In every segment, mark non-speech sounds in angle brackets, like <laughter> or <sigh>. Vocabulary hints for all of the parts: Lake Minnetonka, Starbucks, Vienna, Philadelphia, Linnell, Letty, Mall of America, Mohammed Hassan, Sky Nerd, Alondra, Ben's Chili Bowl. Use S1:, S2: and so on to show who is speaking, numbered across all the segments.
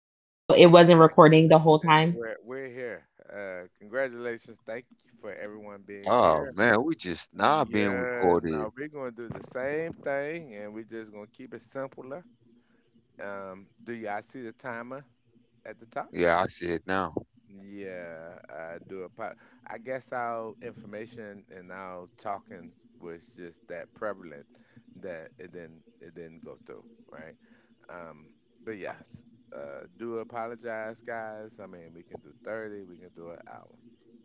S1: I don't.
S2: So it wasn't
S1: Yeah,
S2: recording the whole time.
S1: we're here. Congratulations! Thank you for everyone being
S3: Oh,
S1: here.
S3: man, we just now being
S1: Yeah, now
S3: recorded.
S1: we're gonna do the same thing, and we're just gonna keep it simpler. Do y'all see the timer at the top?
S3: Yeah, I see it now.
S1: Yeah, I do. I guess our information and our talking was just that prevalent that it didn't go through, right? Um, but yes, do apologize, guys. I mean, we can do 30, we can do an hour,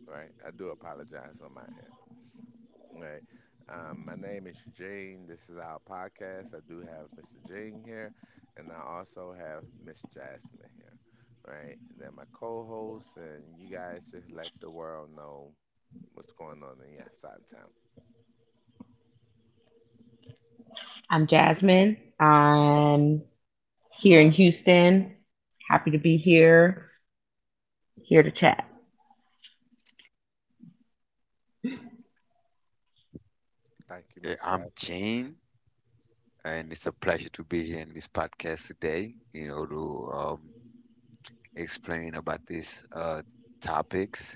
S1: right? I do apologize on my end. Right. My name is Eugene. This is our podcast. I do have Mr. Jean here, and I also have Miss Jasmine here. Right. They're my co hosts, and you guys just let the world know what's going on in your side of town.
S2: I'm Jasmine. I'm here in Houston. Happy to be here. Here to chat.
S1: Thank you,
S3: Yeah,
S1: Miss
S3: I'm
S1: Jasmine.
S3: Gene, and it's a pleasure to be here in this podcast today, you know, to explain about these topics,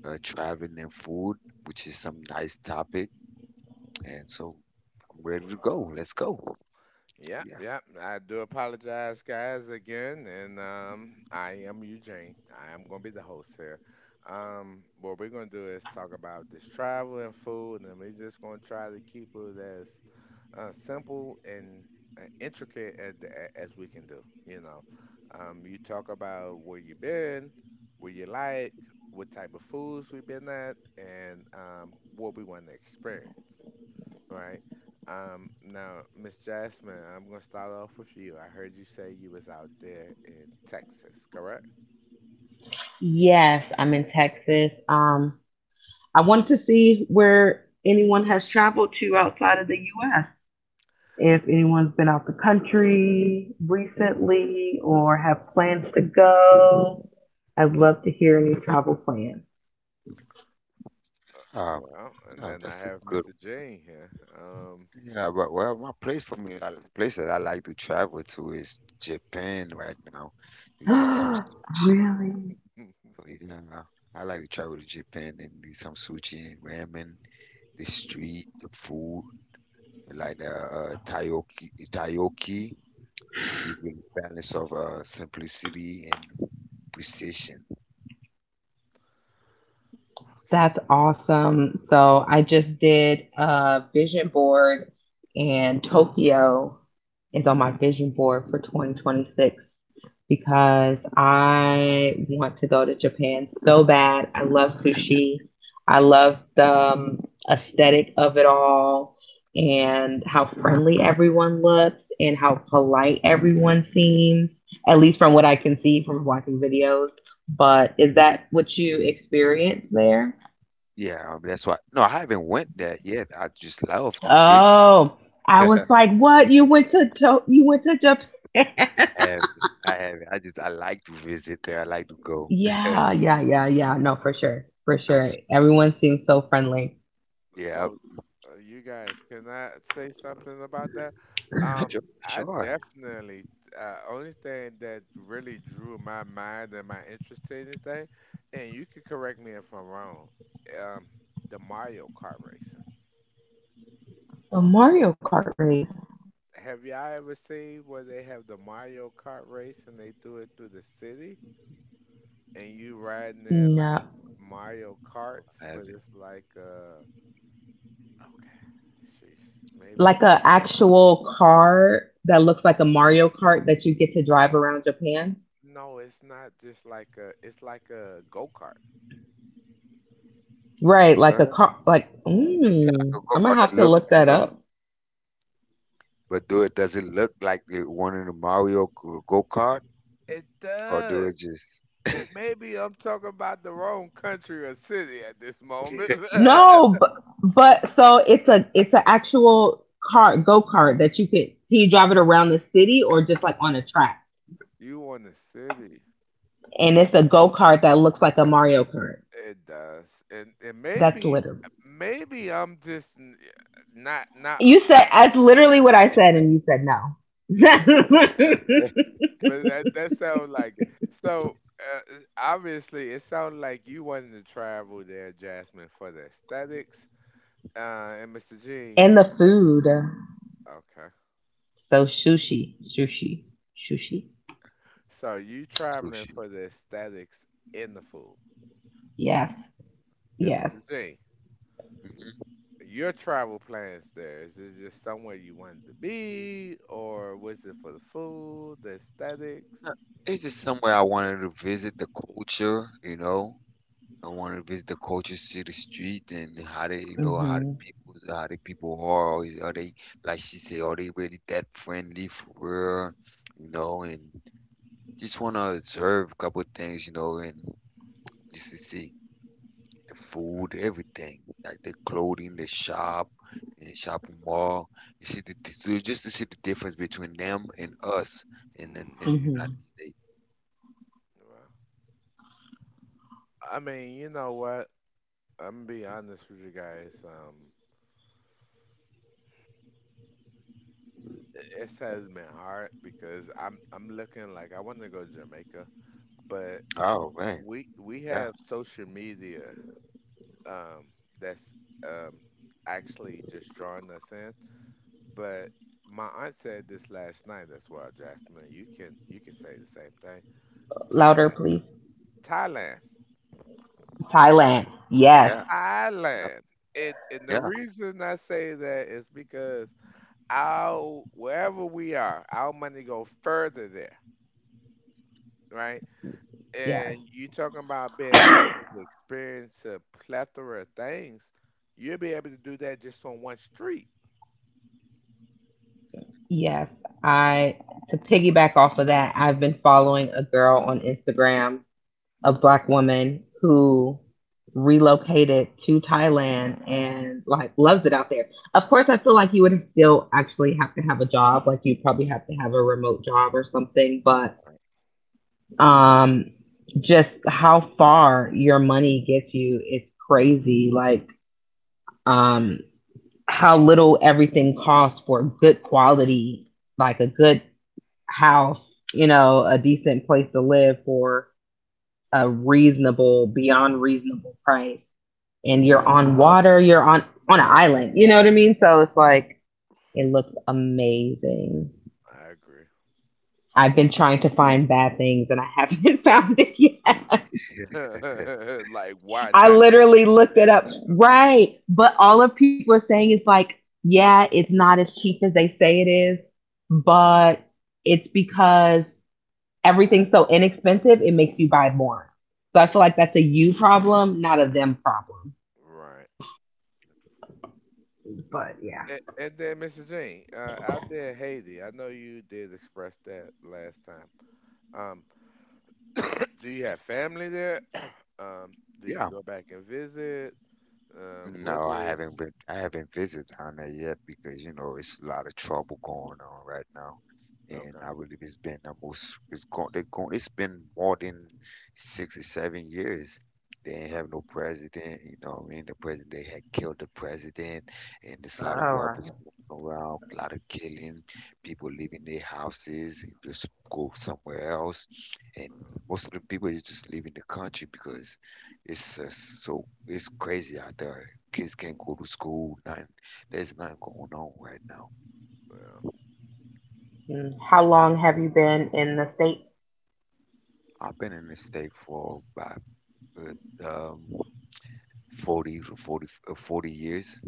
S3: traveling and food, which is some nice topic. And so I'm ready to go. Let's go.
S1: Yep,
S3: Yeah.
S1: yep. I do apologize, guys, again. And I am Eugene. I am going to be the host here. What we're going to do is talk about this travel and food, and we're just going to try to keep it as simple and intricate as we can do. You know, you talk about where you been, where you like, what type of foods we've been at, and what we want to experience, right? Now, Miss Jasmine, I'm gonna start off with you. I heard you say you was out there in Texas, correct?
S2: Yes, I'm in Texas. I wanted to see where anyone has traveled to outside of the U.S. If anyone's been out the country recently or have plans to go, I'd love to hear any travel plans.
S1: Uh,
S3: Um,
S1: Well, and
S3: yeah,
S1: then I
S3: that's a
S1: have
S3: good.
S1: Mr. Jane here. Um,
S3: Yeah, but well, my place for me, the place that I like to travel to is Japan right now. To eat some sushi.
S2: <gasps> Really?
S3: So,
S1: <laughs>
S3: yeah, I like to travel to Japan and do some sushi and ramen, the street, the food, like takoyaki, takoyaki, the balance of simplicity and precision.
S1: okay.
S2: That's awesome. So I just did a vision board, and Tokyo is on my vision board for 2026 because I want to go to Japan so bad. I love sushi. I love the aesthetic of it all and how friendly everyone looks and how polite everyone seems, at least from what I can see from watching videos. But is that what you experienced there?
S3: Yeah, that's why. No, I haven't went there yet. I just love to visit.
S2: Oh, I was like, what? You went to Japan?
S3: I have, I have. I just, I like to visit there. I like to
S2: <laughs>
S3: go.
S2: Yeah, yeah, yeah, yeah. No, for sure, for
S3: Some,
S2: sure.
S3: s-
S2: Everyone seems so friendly.
S3: yeah,
S1: So, you guys, can I say something about that? Um,
S3: sure,
S1: I
S3: sure.
S1: definitely, Only thing that really drew my mind and my interest to anything, and you can correct me if I'm wrong, um, the Mario Kart racing.
S2: A Mario Kart race?
S1: Have y'all ever seen where they have the Mario Kart race and they do it through the city and you riding in
S2: No,
S1: like Mario
S3: Oh, I
S1: Karts, but
S3: haven't.
S1: it's like, okay, sheesh, maybe.
S2: like a actual car that looks like a Mario Kart that you get to drive around Japan.
S1: No, it's not just like a. It's like a go kart.
S2: Right,
S1: Uh,
S2: like
S3: Uh,
S2: a car. Like,
S3: yeah, I could
S2: mm,
S3: go
S2: I'm
S3: out
S2: gonna have
S3: and
S2: to
S3: look.
S2: look that up.
S3: But do it? Does it look like it one of the Mario go kart,
S1: It
S3: or do
S1: does.
S3: it just
S1: Eh, maybe I'm talking about the wrong country or city at this
S3: <laughs>
S1: moment.
S2: No,
S1: <laughs>
S2: but so it's an actual car go kart that you could, can you drive it around the city or just like on a track?
S1: You want the city?
S2: And it's a go kart that looks like a Mario Kart.
S1: It does, and
S2: That's
S1: maybe
S2: literally
S1: maybe I'm just n- not not
S2: You said that's literally what I said, and you said no.
S1: yeah yeah.
S2: <laughs>
S1: But that that sounds like it. So. Uh, obviously, it sounds like you wanted to travel there, Jasmine, for the aesthetics. And Mr. Jean,
S2: And
S1: you
S2: the
S1: said
S2: food,
S1: okay.
S2: so sushi, sushi, sushi.
S1: So you traveling
S3: sushi?
S1: for the aesthetics in the food.
S2: Yes,
S1: And
S2: yes.
S1: Mr. G,
S3: Mhm.
S1: your travel plans there, is it just somewhere you wanted to be or was it for the food, the aesthetics?
S3: No, it's just somewhere I wanted to visit the culture. You know, I wanted to visit the culture, see the street, and how they, you know,
S2: Mhm,
S3: how the people are. Or is, are they, like she said, are they really that friendly for real? You know, and just want to observe a couple of things. You know, and just to see the
S1: Okay.
S3: food, everything, like the clothing, the shop, the shopping mall. So just to see the difference between them and us in in,
S1: Mm.
S3: in the United
S2: mhm.
S3: States.
S1: Well, I mean, you know what? I'm gonna be honest with you guys. It has been hard because I'm looking like I want to go to Jamaica, but
S3: Oh man,
S1: we
S3: yeah,
S1: have social media um, that's um, actually just drawing us in. But my aunt said this last night. That's why, Jasmine, you can say the same thing. Thailand,
S2: Louder, please.
S1: Thailand,
S3: time,
S2: Thailand. Yes,
S3: yeah, and up-
S1: Thailand. It and the
S3: yeah,
S1: reason I say that is because our wherever we are, our money go further there, right?
S2: yes.
S1: And you talking about being able to experience a plethora of things. You'll be able to do that just on one street.
S2: Yes, I to piggyback off of that, I've been following a girl on Instagram, a black woman who relocated to Thailand and like loves it out there. Of course, I feel like you would still actually have to have a job, like you probably have to have a remote job or something, but
S1: Right.
S2: um just how far your money gets you is crazy. Like um how little everything costs for good quality, like a good house, you know, a decent place to live for a reasonable, beyond reasonable price. And you're on water, you're on an island. You know what I mean? So it's like it looks amazing.
S1: I agree.
S2: I've been trying to find bad things and I <laughs> haven't found it yet.
S3: <laughs> yeah.
S1: <laughs> Like,
S2: <laughs>
S1: why
S2: I
S1: not? <laughs> The
S2: literally
S1: food?
S2: looked it
S1: Yeah,
S2: up. Right. But all of people are saying is like, yeah, it's not as cheap as they say it is, but it's because everything's so inexpensive, it makes you buy more. So I feel
S1: yeah.
S2: like that's a you problem, not a them problem.
S1: Right.
S2: But yeah.
S1: And then, Mr. Jean, out there in Haiti, I know you did express that last time. Um, do you have family there? <clears throat> Um, do you
S3: Yeah.
S1: go back and visit? What
S3: No, I haven't
S1: is
S3: been. I haven't visited down there yet because you know it's a lot of trouble going on right now, and
S1: Okay?
S3: I believe it's been almost it's gone. They're gone. It's been more than 6 or 7 years. They ain't have no president. You know what I mean? The president they had killed the president, and there's a lot of
S2: All right.
S3: robbers going around, a lot of killing, people leaving their houses and just go somewhere else, and
S1: Oh.
S3: most of the people is just leaving the country because it's just so it's crazy out there. Kids can't go
S1: Oh,
S3: to school, nothing. There's nothing going on right now.
S1: yeah.
S2: Mm. How long have you been in the state?
S3: I've been in the state for about uh, um, 40 to 40, 40 years.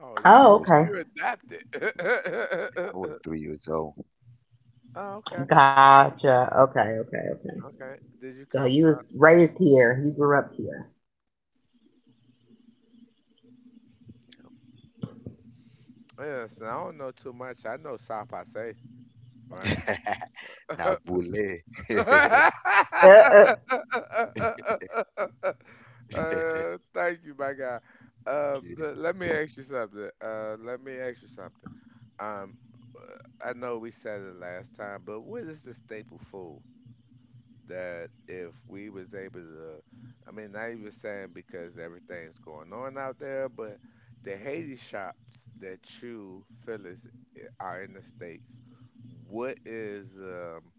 S1: Oh,
S3: I
S1: you
S2: Oh,
S3: was
S2: okay.
S1: you adapted. <laughs>
S3: I was 3 years old.
S1: Oh, okay,
S2: Gotcha. Okay, okay, okay.
S1: okay. Did you
S2: So
S1: come?
S2: you was raised here. You grew up here.
S1: Yeah, so I don't know too much. I know Sa Pase, right?
S3: <laughs> Now, bully <laughs> that
S1: Uh,
S2: Uh, uh.
S1: thank you, my guy. Let me ask you something. Let me ask you something. Um, I know we said it last time, but what is the staple food that if we was able to, I mean, not even saying because everything's going on out there, but the Haiti shops that you feel is are in the states, what is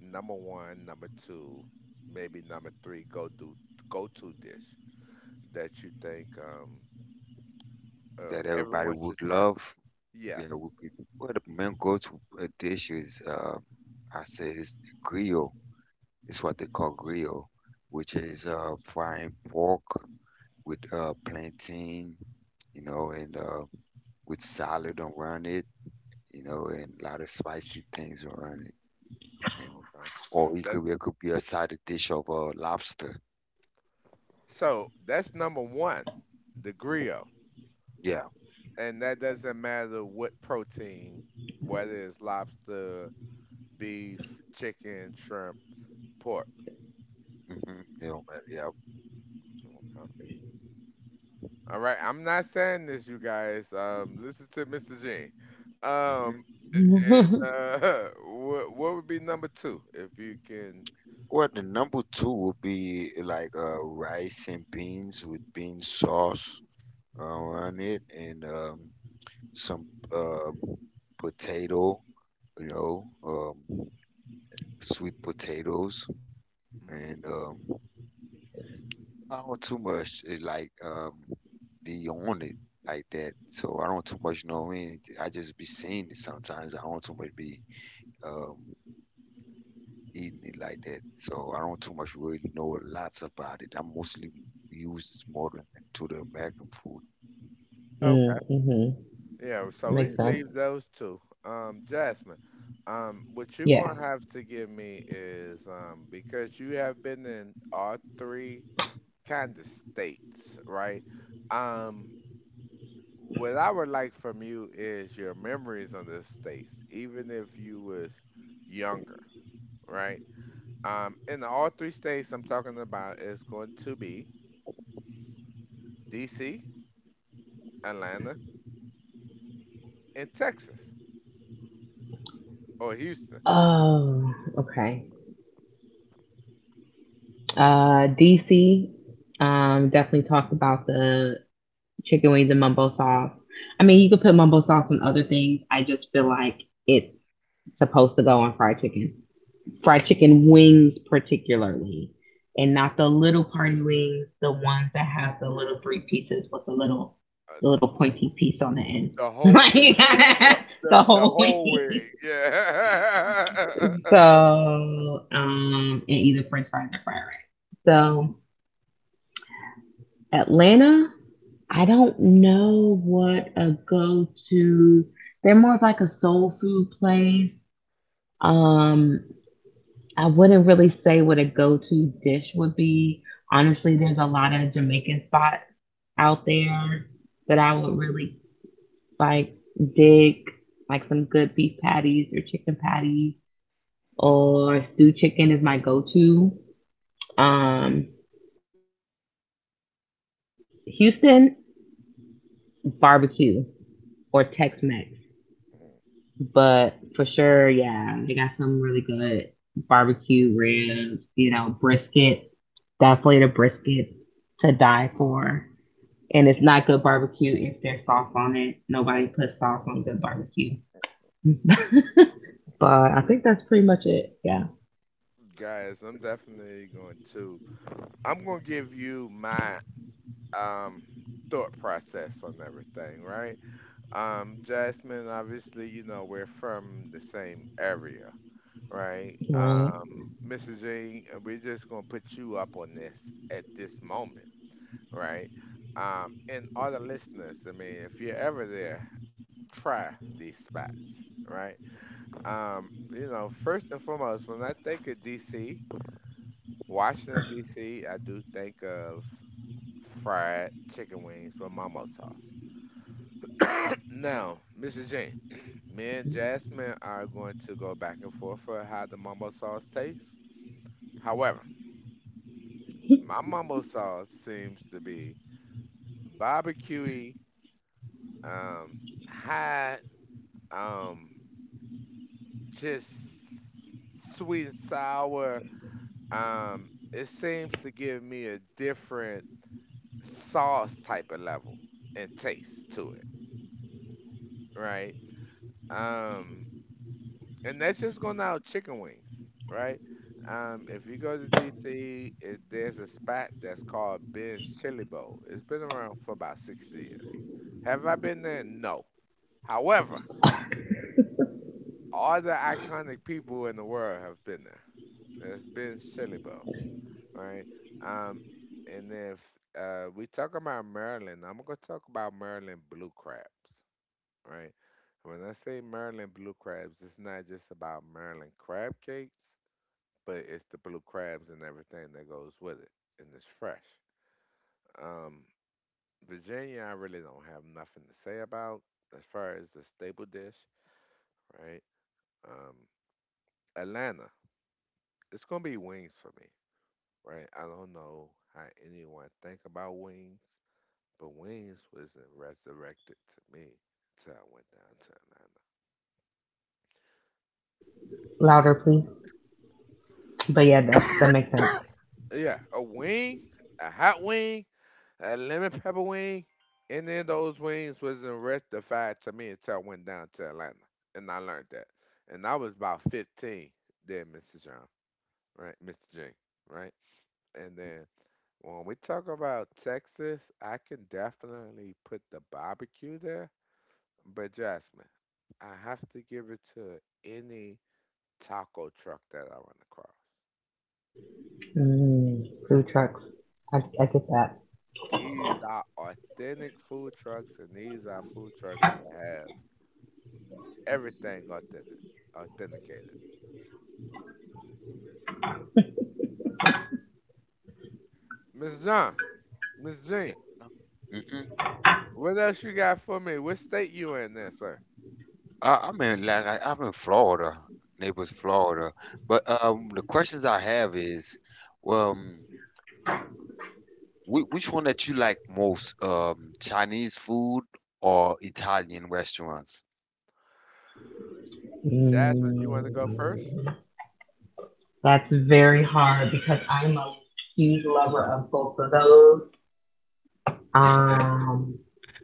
S1: number one, number two, maybe number three go to dish that you think
S3: everybody
S1: everyone should
S3: would
S1: try?
S3: love. You
S1: Yes.
S3: know, would be where the men go-to dish is. I say it's grill. It's what they call grill, which is frying pork with plantain, you know, and with salad around it, you know, and a lot of spicy things around it. And
S1: Okay.
S3: Or
S1: That's
S3: it could be a side dish of lobster.
S1: so that's number one, the
S3: Mm,
S1: griot.
S3: yeah.
S1: And that doesn't matter what protein, whether it's lobster, beef, chicken, shrimp, pork.
S3: Mm-hmm. You know, but yeah.
S1: Okay. All right. I'm not saying this, you guys. Listen to Mr. Jean.
S3: Hmm.
S1: Um, and
S2: <laughs>
S1: <laughs> what would be number two if you can?
S3: Well, the number two would be like rice and beans with bean sauce around it and some uh potato, you know, sweet potatoes
S1: Mm.
S3: and I don't too much like be on it like that. So I don't too much know what I mean. I just be seeing it sometimes. I don't too much be um eating it like that. So I don't too much really know lots about it. I'm mostly used more than to the American food.
S1: Okay.
S2: Mm-hmm.
S1: Yeah. So
S2: Makes
S1: we
S2: sense.
S1: leave those two. Jasmine. What you're
S2: Yeah.
S1: gonna have to give me is because you have been in all three kind of states, right? Um, what I would like from you is your memories on the states, even if you was younger, right? In the all three states I'm talking about is going to be D.C., Atlanta, and Texas or Houston.
S2: Oh, okay. DC, definitely talked about the chicken wings and mumbo sauce. I mean, you could put mumbo sauce on other things. I just feel like it's supposed to go on fried chicken.
S1: You know,
S2: Fried chicken wings, particularly, and not the little party wings, the ones that have the little three pieces with
S1: uh,
S2: the little pointy piece on the end.
S1: the whole
S2: Like
S1: wig,
S2: <laughs> the
S1: the
S2: whole
S1: whole wig,
S2: wing.
S1: yeah. <laughs>
S2: So, and either French fries or fried rice. So Atlanta, I don't know what a go to. They're more of like a soul food place. Um, I wouldn't really say what a go to dish would be. Honestly, there's a lot of Jamaican spots out there that I would really like dig, like some good beef patties or chicken patties or stewed chicken is my go to. Um, but Houston, barbecue or Tex Mex.
S1: Mhm.
S2: But for sure, yeah, they got some really good barbecue ribs, you know, brisket. Definitely the brisket to die for. And it's not good barbecue if there's sauce on it. Nobody puts sauce on good barbecue. <laughs> But I think that's pretty much it. Yeah.
S1: Guys, I'm definitely going to. I'm going to give you my. Um, thought process on everything, right? Jasmine, obviously, you know, we're from the same area, right?
S2: Right.
S1: Mrs. Jean, we're just gonna put you up on this at this moment, right? And all the listeners, I mean, if you're ever there, try these spots, right? You know, first and foremost, when I think of DC, Washington DC, I do think of fried chicken wings with Momo sauce, <coughs> now, Mrs. Jane, <coughs> <clears throat> me and Jasmine are going to go back and forth for how the mumbo sauce tastes. However, my mumbo sauce seems to be barbecuey, um, hot, um, just sweet and sour. It seems to give me a different sauce type of level and taste to it, right? Um, and that's just going out chicken wings, right? If you go to DC, it, there's a spot that's called Ben's Chili Bowl. It's been around for about 60 years. Have I been there? No. However, all the iconic people in the world have been there. There's Ben's Chili Bowl, right? Um, and if We talk about Maryland, I'm gonna talk about Maryland blue crabs, right? When I say Maryland blue crabs, it's not just about Maryland crab cakes but it's the blue crabs and everything that goes with it, and it's fresh. Um, Virginia, I really don't have nothing to say about as far as the staple dish, right? Um, Atlanta, it's gonna be wings for me, right? I don't know how anyone think about wings, but wings was resurrected to me until I went down to Atlanta.
S2: Louder, please. But yeah, that makes sense.
S1: Yeah, a wing, a hot wing, a lemon pepper wing. And then those wings wasn't rectified to me until I went down to Atlanta, and I learned that. And I was about 15 then, Mr. John, right, Mr. J, right. And
S3: Mm,
S1: then when we talk about Texas, I can definitely put the barbecue there. But Jasmine, I have to give it to any taco truck that I run across.
S2: Mm, food trucks. I get that.
S1: These are authentic food trucks, and these are food trucks that have everything authentic, authenticated. Miss John, Miss Jean,
S3: yeah. No. Mm-mm.
S1: what else you got for me? What state you in there, sir?
S3: I, I'm in like I, I'm in Florida, Naples, Florida. But the questions I have is, well, which one that you like most, Chinese food or Italian restaurants?
S1: Jasmine, you want to go first?
S2: Mm. That's very hard because I'm a huge lover of both of those. Um,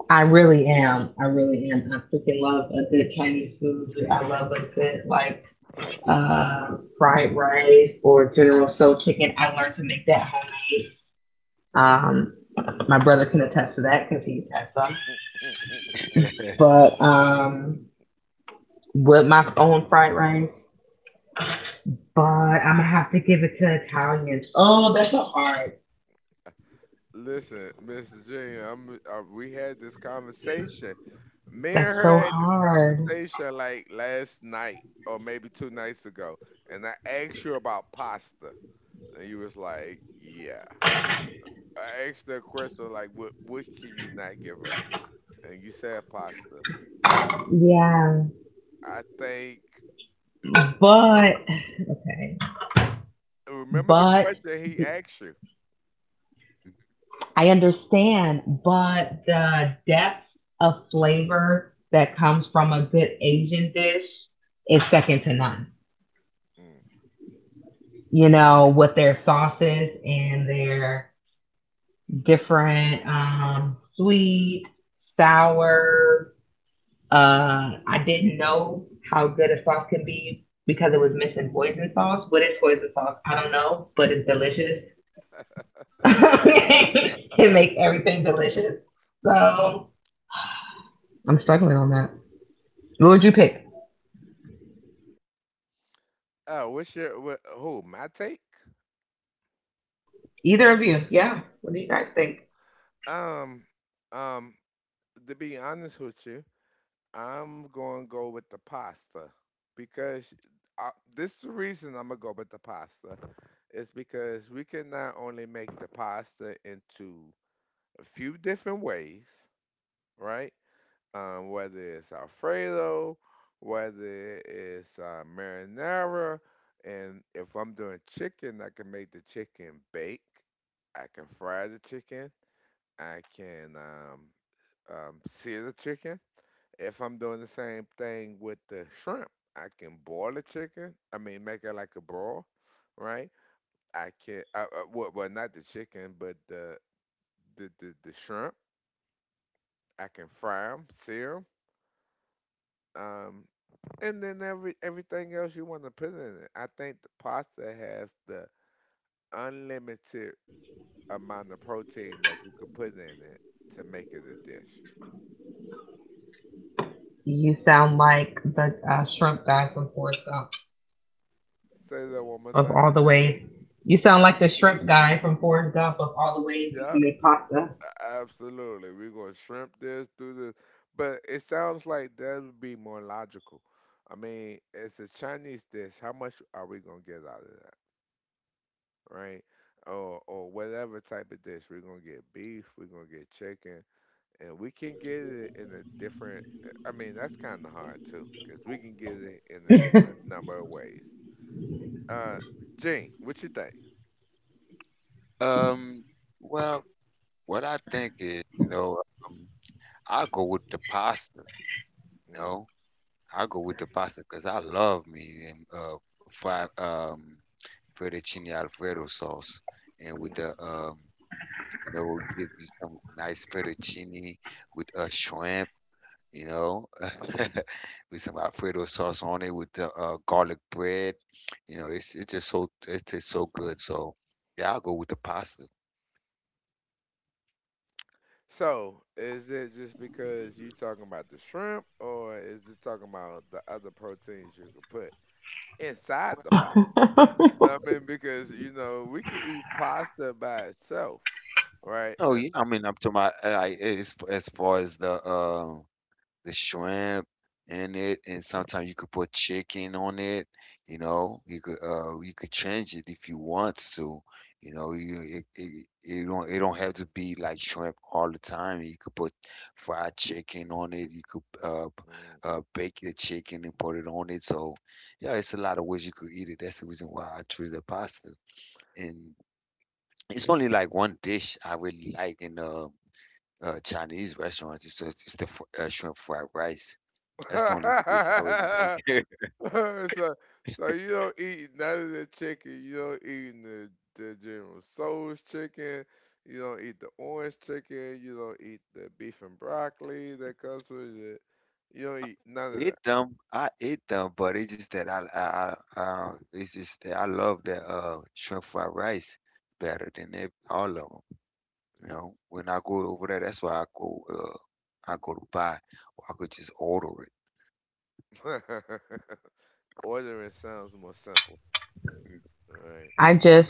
S2: I really am. I really am. I freaking love a good Chinese food. I love a good like fried rice or General Tso chicken. I learned to make that homemade. My brother can attest to that because he's had some.
S1: <laughs>
S3: <laughs>
S2: But with my own fried rice. But I'm gonna have to give it to Italians. Oh, that's so hard.
S1: Listen, Miss Jean, we had this conversation. Me
S2: That's
S1: and
S2: so
S1: her had this
S2: hard.
S1: conversation like last night or maybe two nights ago, and I asked you about pasta, and you was like, "Yeah." I asked her a question like, what can you not give up?" And you said pasta.
S2: Yeah.
S1: I think
S2: But okay,
S1: Remember the
S2: but
S1: question he
S2: the-
S1: asked you.
S2: I understand, but the depth of flavor that comes from a good Asian dish is second to none.
S1: Mm.
S2: You know, with their sauces and their different sweet, sour. I didn't know how good a sauce can be because it was missing poison sauce. What is poison sauce? I don't know, but it's delicious. <laughs> It makes everything delicious. So I'm struggling on that. What would you pick?
S1: Oh, what's your what? Who my take?
S2: Either of you? Yeah. What do you guys think?
S1: Um, um. To be honest with you, I'm going to go with the pasta because this is the reason I'm gonna go with the pasta is because we can not only make the pasta into a few different ways, right? Um, whether it's Alfredo, whether it's marinara. And if I'm doing chicken, I can make the chicken bake. I can fry the chicken. I can sear the chicken. If I'm doing the same thing with the shrimp, I can boil the chicken. I mean, make it like a broil, right? I can, I, well, well, not the chicken, but the shrimp. I can fry them, sear. Um, and then everything else you want to put in it. I think the pasta has the unlimited amount of protein that you could put in it to make it a dish.
S2: You sound like the shrimp guy from Forrest Gump.
S1: Say that one more
S2: Of
S1: time.
S2: all the ways, you sound like the shrimp guy from Forrest Gump. Of all the ways you can
S1: Yep,
S2: make pasta.
S1: absolutely. We're gonna shrimp this, do this, but it sounds like that would be more logical. I mean, it's a Chinese dish. How much are we gonna get out of that, right? Or whatever type of dish. We're gonna get beef. We're gonna get chicken. And we can get it in a different I mean, that's kind of hard too because we can get it in a different number of ways. uh Gene, what you think?
S3: Um, well, what I think is, you know, um, I go with the pasta, you
S1: Mm.
S3: know. I go with the pasta because I love me and fried fettuccine alfredo sauce and with
S1: Mm.
S3: the you know give me some nice fettuccine with a shrimp, you know, <laughs> with some Alfredo sauce on it with the garlic bread. You know, it's just so it tastes so good. So yeah, I'll go with the pasta.
S1: So is it just because you talking about the shrimp, or is it talking about the other proteins you can put inside the pasta?
S2: <laughs>
S1: I mean, because we can eat pasta by itself, right?
S3: Oh
S1: And
S3: yeah,
S1: I,
S3: I mean, I'm talking about as far as the shrimp in it, and sometimes you could put chicken on it. You know, you could change it if you want to. You know, you it, it don't it don't have to be like shrimp all the time. You could put fried chicken on it. You could
S1: Mm.
S3: bake the chicken and put it on it. So yeah, it's a lot of ways you could eat it. That's the reason why I choose the pasta. And it's only like one dish I really like in Chinese restaurants. It's just, it's the shrimp fried rice. That's the only dish I really
S1: <laughs>
S3: like. <laughs>
S1: <laughs> so, so you don't eat none of the chicken. You don't eat the General Soul's chicken. You don't eat the orange chicken. You don't eat the beef and broccoli that comes with it. You don't eat none of
S3: It dumb, I eat them, but it's just that it's just that I love the shrimp fried rice better than all of them. You know, when I go over there, that's why I go to buy, or I could just order
S1: that. <laughs> Ordering sounds more simple.
S3: it.
S1: All right.
S2: I just,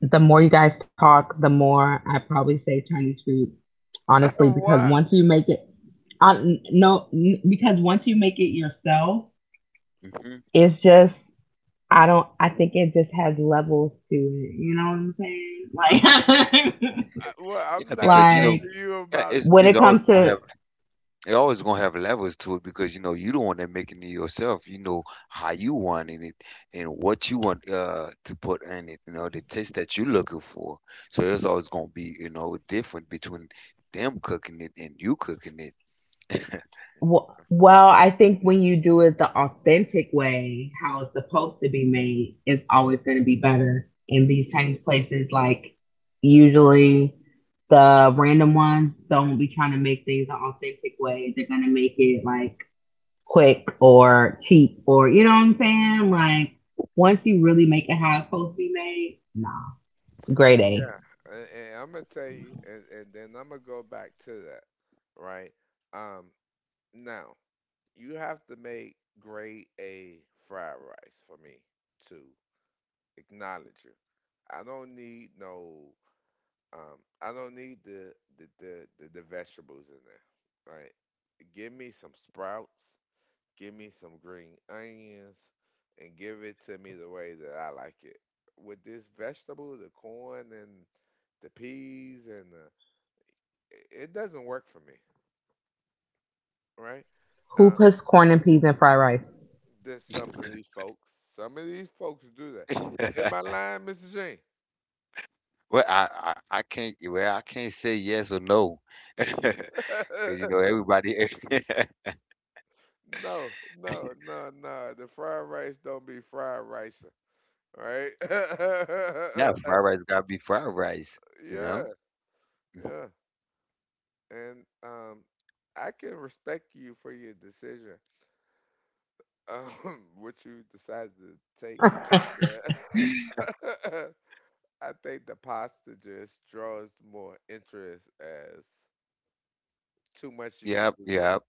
S2: the more you guys talk, the more I probably say Chinese food,
S1: <laughs>
S2: honestly, because
S1: Why?
S2: once you make it, I, no, because once you make it yourself,
S3: Mm-hmm.
S2: it's just I don't. I think it just has levels to it. You know what I'm saying? Like,
S1: Well,
S3: Yeah,
S1: I'm
S2: <laughs>
S1: not
S3: because you know,
S1: telling
S2: like
S1: you
S3: yeah,
S1: about.
S3: it's
S2: when
S3: it's
S2: it
S3: always
S2: comes
S3: gonna
S2: to
S3: have. It always gonna have levels to it because you know you the one that making it yourself. You know how you want in it and what you want to put in it. You know the taste that you looking for. So it's always gonna be you know different between them cooking it and you cooking it. <laughs>
S2: well, I think when you do it the authentic way, how it's supposed to be made, it's always going to be better. In these types of places, like usually the random ones don't be trying to make things an authentic way. They're going to make it like quick or cheap or you know what I'm saying? Like once you really make it how it's supposed to be made, nah. Grade A.
S1: Yeah, and I'm gonna tell you, and then I'm gonna go back to that, right? Um, Now, you have to make grade A fried rice for me to acknowledge you. I don't need no I don't need the vegetables in there. Right. Give me some sprouts, give me some green onions, and give it to me the way that I like it. With this vegetable, the corn and the peas and the it it doesn't work for me, right?
S2: Who
S1: Uh,
S2: puts corn and peas in fried
S1: There's some of these folks. Some of these folks do that. Am I lying, Mr. Shane?
S3: Well, I can't, well I can't say yes or no <laughs> because
S1: <laughs>
S3: you know everybody. <laughs>
S1: No, no, no, no. The fried rice don't be fried rice, right?
S3: Yeah,
S1: <laughs>
S3: fried rice gotta be fried rice. You
S1: Yeah,
S3: know.
S1: yeah. And I can respect you for your decision, <laughs> what you decided to take.
S2: rice?
S1: Yeah. <laughs> I think the pasta just draws more interest as too much you can
S3: Yep.
S1: do with
S3: Yep.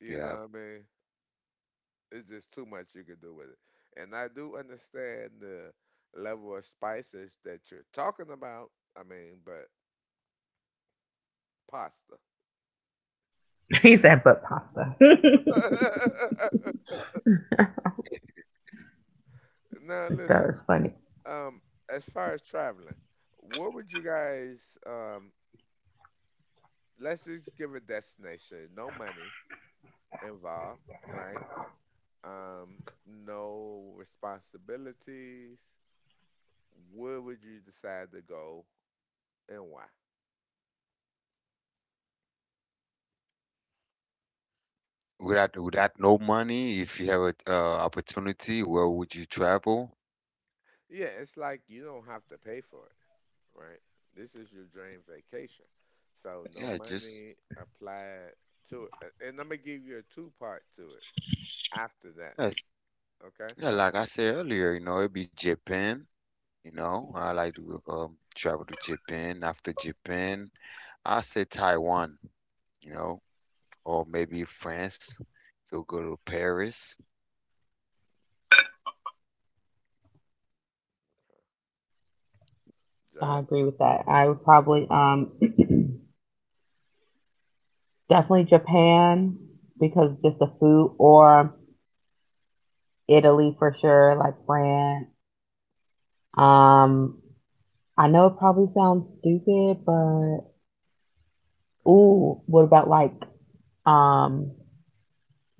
S1: it. You
S3: Yep.
S1: know what I mean? It's just too much you can do with it. And I do understand the level of spices that you're talking about. I mean, but pasta.
S2: <laughs> He said but pasta. <laughs>
S1: <laughs> Now
S2: That
S1: listen,
S2: was funny.
S1: um, as far as traveling, what would you guys let's just give a destination, no money involved, right? Um, no responsibilities. Where would you decide to go and why?
S3: Without without no money, if you have a opportunity, where would you travel?
S1: Yeah, it's like you don't have to pay for it, right? This is your dream vacation. So no
S3: Yeah, just
S1: money applied to it. And I'm gonna give you a two part to it after that.
S3: yeah,
S1: Okay?
S3: yeah, like I said earlier, you know, it'd be Japan. You know, I like to travel to Japan. After Japan, I say Taiwan. You know, or maybe France. So go to Paris.
S2: I agree
S1: Jazz.
S2: with that. I would probably <clears throat> definitely Japan because just the food or Italy for sure, like France. Um I know it probably sounds stupid, but
S1: And
S2: ooh, what about like um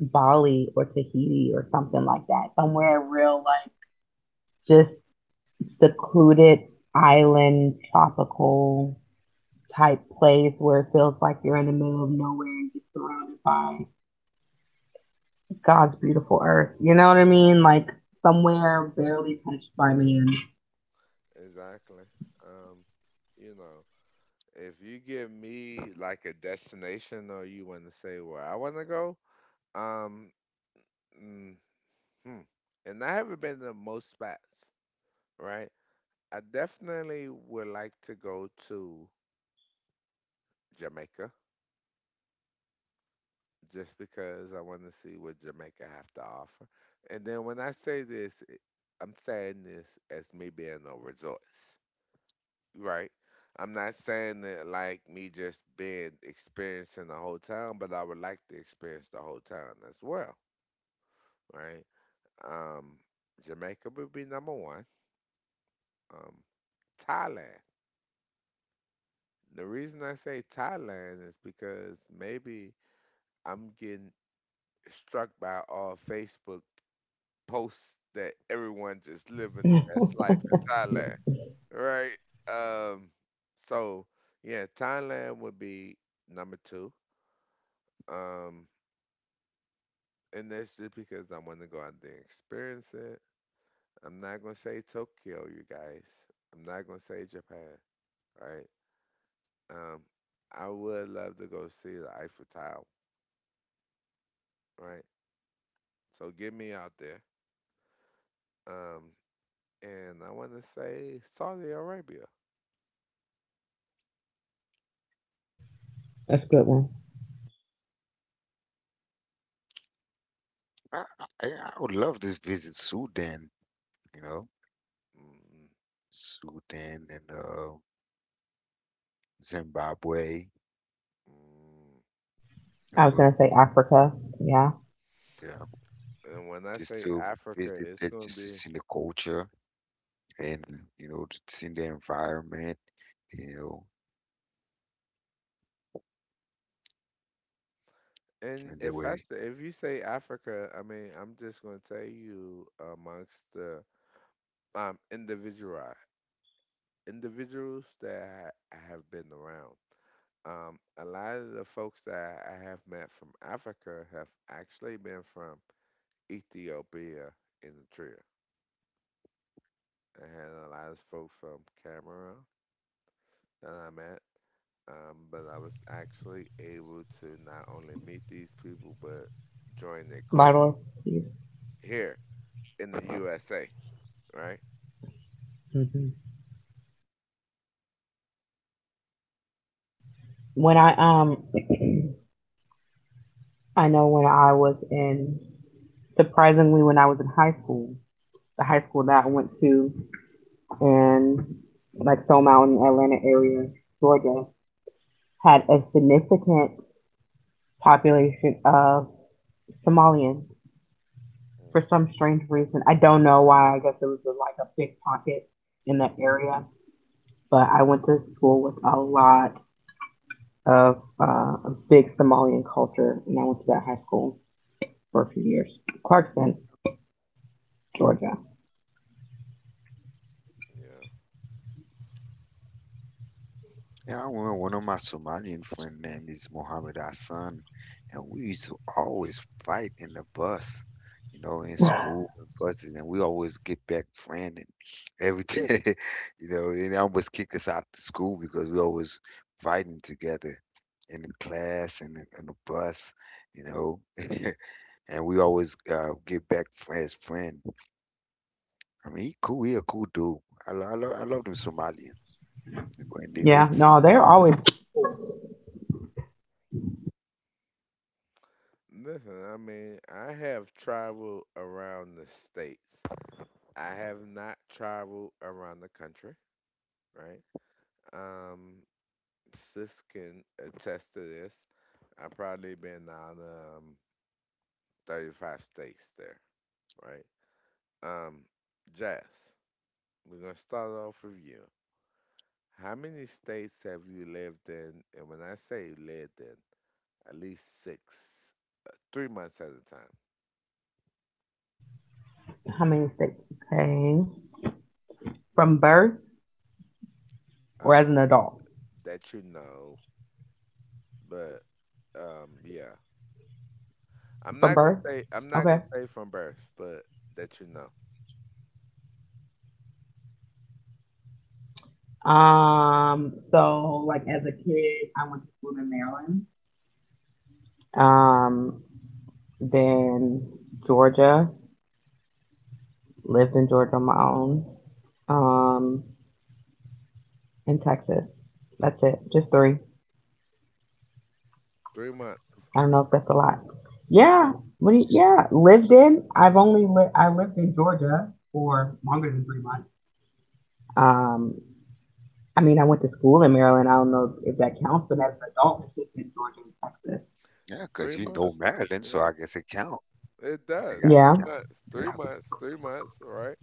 S2: Bali or Tahiti or something like that. Somewhere real, like just secluded island, tropical type place where it feels like you're in the middle of nowhere and just surrounded by God's beautiful earth. You know what I mean? Like somewhere barely touched by man.
S1: exactly. Um, you know, if you give me like a destination or you wanna say where I wanna go, um mm, hmm. And I haven't been to most spots, right? I definitely would like to go to Jamaica just because I want to see what Jamaica have to offer. And then when I say this, I'm saying this as me being a resource, right? I'm not saying that like me just being experiencing the whole town, but I would like to experience the whole town as well, right? Um, Jamaica would be number one. Um, Thailand. The reason I say Thailand is because maybe I'm getting struck by all Facebook posts that everyone just living the best life in Thailand, right? Um, so yeah, Thailand would be number two. Um, and that's just because I want to go out there and experience it. I'm not gonna say Tokyo, you guys. I'm not gonna say Japan, right? Um, I would love to go see the Eiffel Tower, right? So get me out there. Um, and I want to say Saudi Arabia.
S2: That's a good one.
S3: I, I would love to visit Sudan, you know,
S1: Mm.
S3: Sudan and Zimbabwe.
S1: Mm. Mm.
S3: You know,
S2: I was
S3: go,
S2: gonna say Africa. Yeah,
S3: yeah,
S1: And when I
S3: just
S1: say
S3: to
S1: Africa,
S3: visit
S1: it's
S3: that,
S1: gonna
S3: just to
S1: be.
S3: see the culture and you know, to see the environment. You know.
S1: And
S3: And they were,
S1: if you say Africa, I mean I'm just gonna tell you amongst the um individual individuals that I have been around. A lot of the folks that I have met from Africa have actually been from Ethiopia and Eritrea. I had a lot of folks from Cameroon that I met, but I was actually able to not only meet these people but join their culture
S2: vital.
S1: here in the USA, right?
S2: Mm-hmm. When I um, <clears throat> I know when I was in surprisingly when I was in high school, the high school that I went to in like Stone Mountain, Atlanta area, Georgia, had a significant population of Somalians
S1: Mm,
S2: for some strange reason. I don't know why. I guess it was like a big pocket in that area. But I went to school with a lot of a big Somalian culture, and I went to that high school for a few years. Clarkston, Georgia.
S1: yeah.
S3: yeah, I remember one of my Somalian friend name is Mohammed Hassan, and we used to always fight in the bus, you know, in school and buses, and we always get back friend and everything, <laughs> you know. And they almost kick us out of school because we always fighting together in the class and in the bus, you know. <laughs> And we always get back friends, friend. I mean, he cool, he a cool dude. I love them Somalians. They, they, they
S2: Yeah, no,
S3: free-
S2: they're always
S1: Listen, I mean, I have traveled around the states. I have not traveled around the country, right? Um, Sis can attest to this. I've probably been on 35 states there, right? Um, Jazz, we're gonna start off with you. How many states have you lived in? And when I say lived in, at least six, 3 months at a time.
S2: how many states? Okay, from birth or as
S1: Uh,
S2: an adult?
S1: that you know, but yeah,
S2: From birth.
S1: I'm not
S2: Okay.
S1: gonna say from birth, but that you know,
S2: So like as a kid, I went to school in Maryland. Um, then Georgia, lived in Georgia on my own. Um, in Texas. That's it. Just three.
S1: 3 months,
S2: I don't know if that's a lot. Yeah.
S3: yeah.
S2: What do you, yeah. Lived in. I lived in Georgia for longer than 3 months. Um, I mean, I went to school in Maryland. I don't know if that counts, but as an adult, it's just in Georgia and Texas.
S3: Yeah, 'cause
S1: three
S3: you know
S1: months.
S3: Maryland, so
S1: Yeah,
S3: I guess it count.
S1: it
S3: I
S1: does.
S3: got
S2: Yeah.
S1: Three
S3: yeah,
S1: months, three
S3: yeah.
S1: months, 3 months. All right.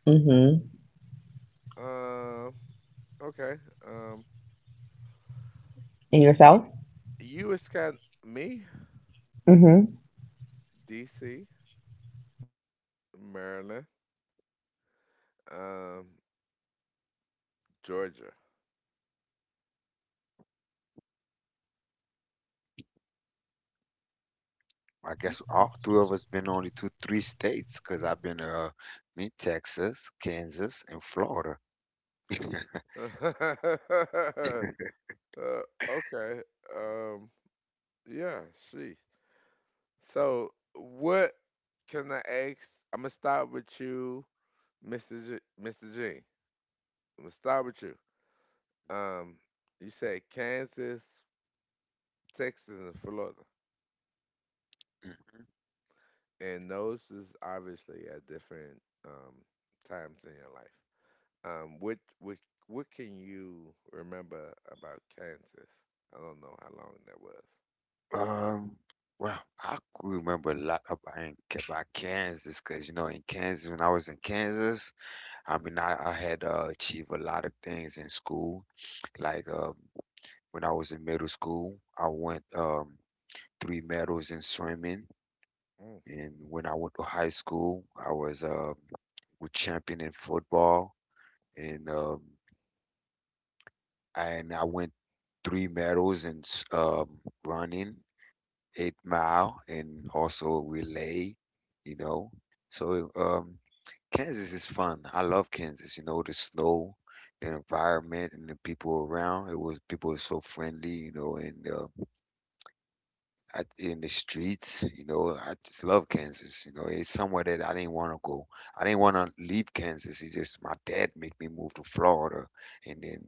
S2: Mhm.
S1: Um. Okay. Um.
S2: And yourself?
S1: y- You is got me,
S2: Mhm.
S1: D.C., Maryland, um, Georgia.
S3: I
S1: You.
S3: guess all three of us been only to three states, 'cause I've been me Texas, Kansas, and Florida. <laughs>
S1: <laughs> uh, okay. Um. Yeah. She. So, what can I ask? I'm gonna start with you, Mr. G, Mr. G. I'm gonna start with you. Um, you said Kansas, Texas, and Florida, and those is obviously at different times in your life. Um, what what what can you remember about Kansas? I don't know how long that was.
S3: Um, well, I could remember a lot about about Kansas, 'cause you know in Kansas when I was in Kansas, I mean I had achieved a lot of things in school. Like when I was in middle school, I won 3 medals in swimming. And when I went to high school, I was champion in football, and um, and I went 3 medals in running, 8 mile, and also relay. You know, so Kansas is fun. I love Kansas. You know, the snow, the environment, and the people around. It was people are so friendly. You know, and I, in the streets, you know, I just love Kansas. You know, it's somewhere that I didn't want to go. I didn't want to leave Kansas. It's just my dad made me move to Florida, and then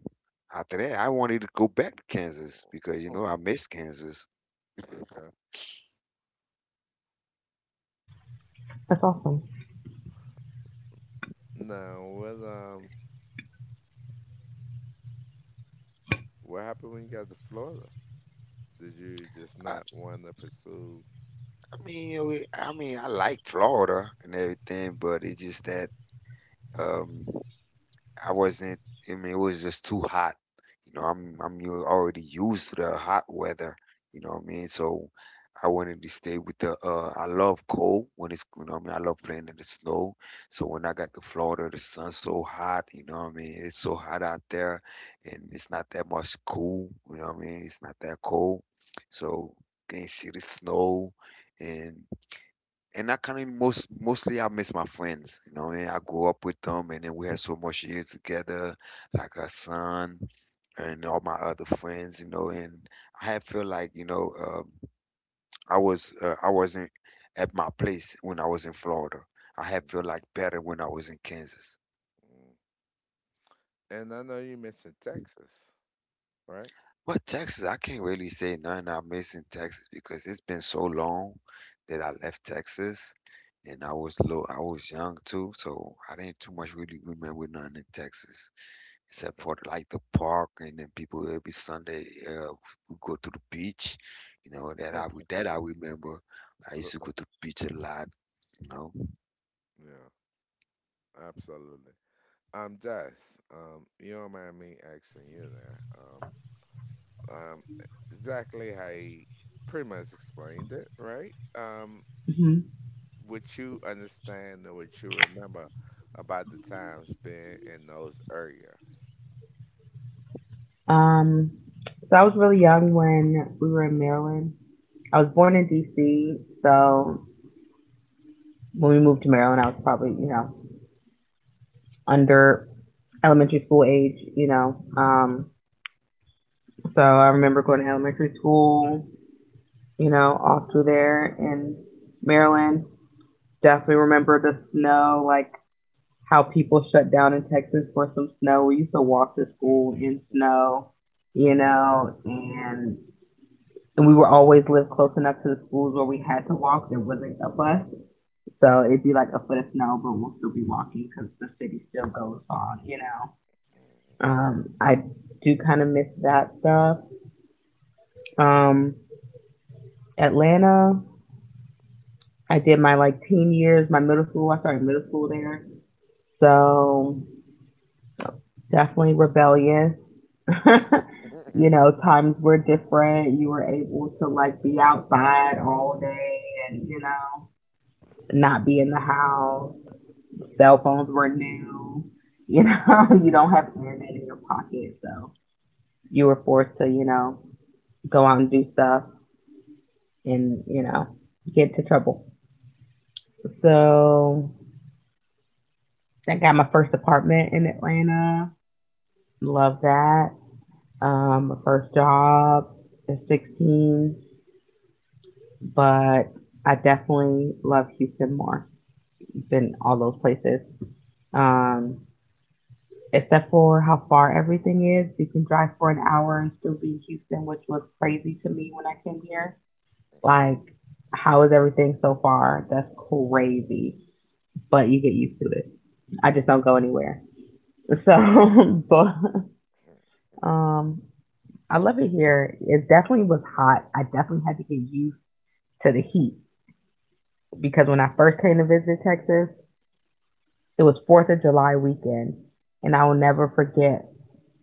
S3: after that, I wanted to go back to Kansas because you
S1: Mm.
S3: know
S1: <laughs>
S3: I miss Kansas.
S1: Okay.
S2: That's awesome.
S1: Now, what happened when you got to Florida? Did you just
S3: I
S1: not want to pursue?
S3: mean, you know, I mean, I like Florida and everything, but it's just that. Um, I wasn't. I mean, it was just too hot. You know, I'm already used to the hot weather. You know what I mean? So I wanted to stay with the. I love cold when it's. You know, what I mean, I love playing in the snow. So when I got to Florida, the sun's so hot. You know what I mean? It's so hot out there, and it's not that much cool. You know what I mean? It's not that cold. So can see the snow, and and I kind of mostly I miss my friends. You know what I mean? I grew up with them, and then we had so much years together, like her son and all my other friends. And I had feel like you know I was I wasn't at my place when I was in Florida. I had feel
S1: Mm.
S3: like better when I was in Kansas.
S1: And I know you mentioned Texas, right?
S3: But Texas, I can't really say nothing I miss in Texas because it's been so long that I left Texas and I was I was young too, so I didn't too much really remember nothing in Texas except
S1: Okay.
S3: for like the park and then people every Sunday we go to the beach, you know that I
S1: <laughs>
S3: remember. I used to go to the beach a lot, you know.
S1: Yeah, absolutely. Jess, you don't mind me asking you there. Um, um, exactly how he pretty much explained it, right?
S2: Hmm.
S1: What you understand or what you remember about the times being in those areas.
S2: Um, so I was really young when we were in Maryland. I was born in D.C., so when we moved to Maryland, I was probably, you know, under elementary school age, you know. So I remember going to elementary school, you know, all through there in Maryland. Definitely remember the snow, like how people shut down in Texas for some snow. We used to walk to school in snow, you know, and we were always lived close enough to the schools where we had to walk. There wasn't a bus, so it'd be like a foot of snow, but we'll still be walking because the city still goes on. You know, I do kind of miss that stuff. Um, Atlanta, I did my like teen years, my middle school. I started middle school there, so definitely rebellious. <laughs> You know, times were different. You were able to like be outside all day and you know not be in the house. Cell phones were new. You know, <laughs> you don't have internet in your pocket, so you were forced to, you know, go out and do stuff and, you know, get into trouble. So I got my first apartment in Atlanta. Love that. My first job at 16, but I definitely love Houston more than all those places. Um, Except for how far everything is. You can drive for an hour and still be in Houston, which was crazy to me when I came here. Like, how is everything so far? That's crazy, but you get used to it. I just don't go anywhere. So, <laughs> but
S1: <laughs>
S2: um, I love it here. It definitely was hot. I definitely had to get used to the heat because when I first came to visit Texas, it was Fourth of July weekend, and I will never forget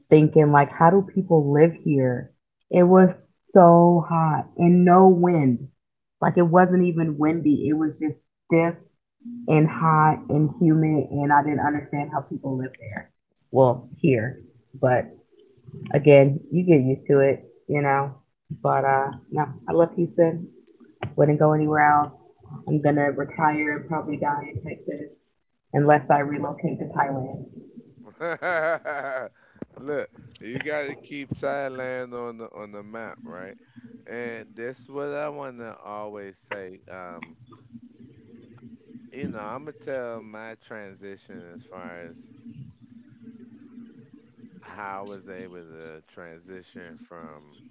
S2: thinking like, how do people live here? It was so hot and no wind. Like it wasn't even windy. It was just stiff and hot and humid, and I didn't understand how people live there. Well, here, but again, you get used to it, you know. But no, I love Houston. Wouldn't go anywhere else. I'm gonna retire and probably die in Texas unless I relocate to Thailand.
S1: <laughs> Look, you got to keep Thailand on the map, right? And that's what I want to always say. I'm gonna tell my transition as far as how I was able to transition from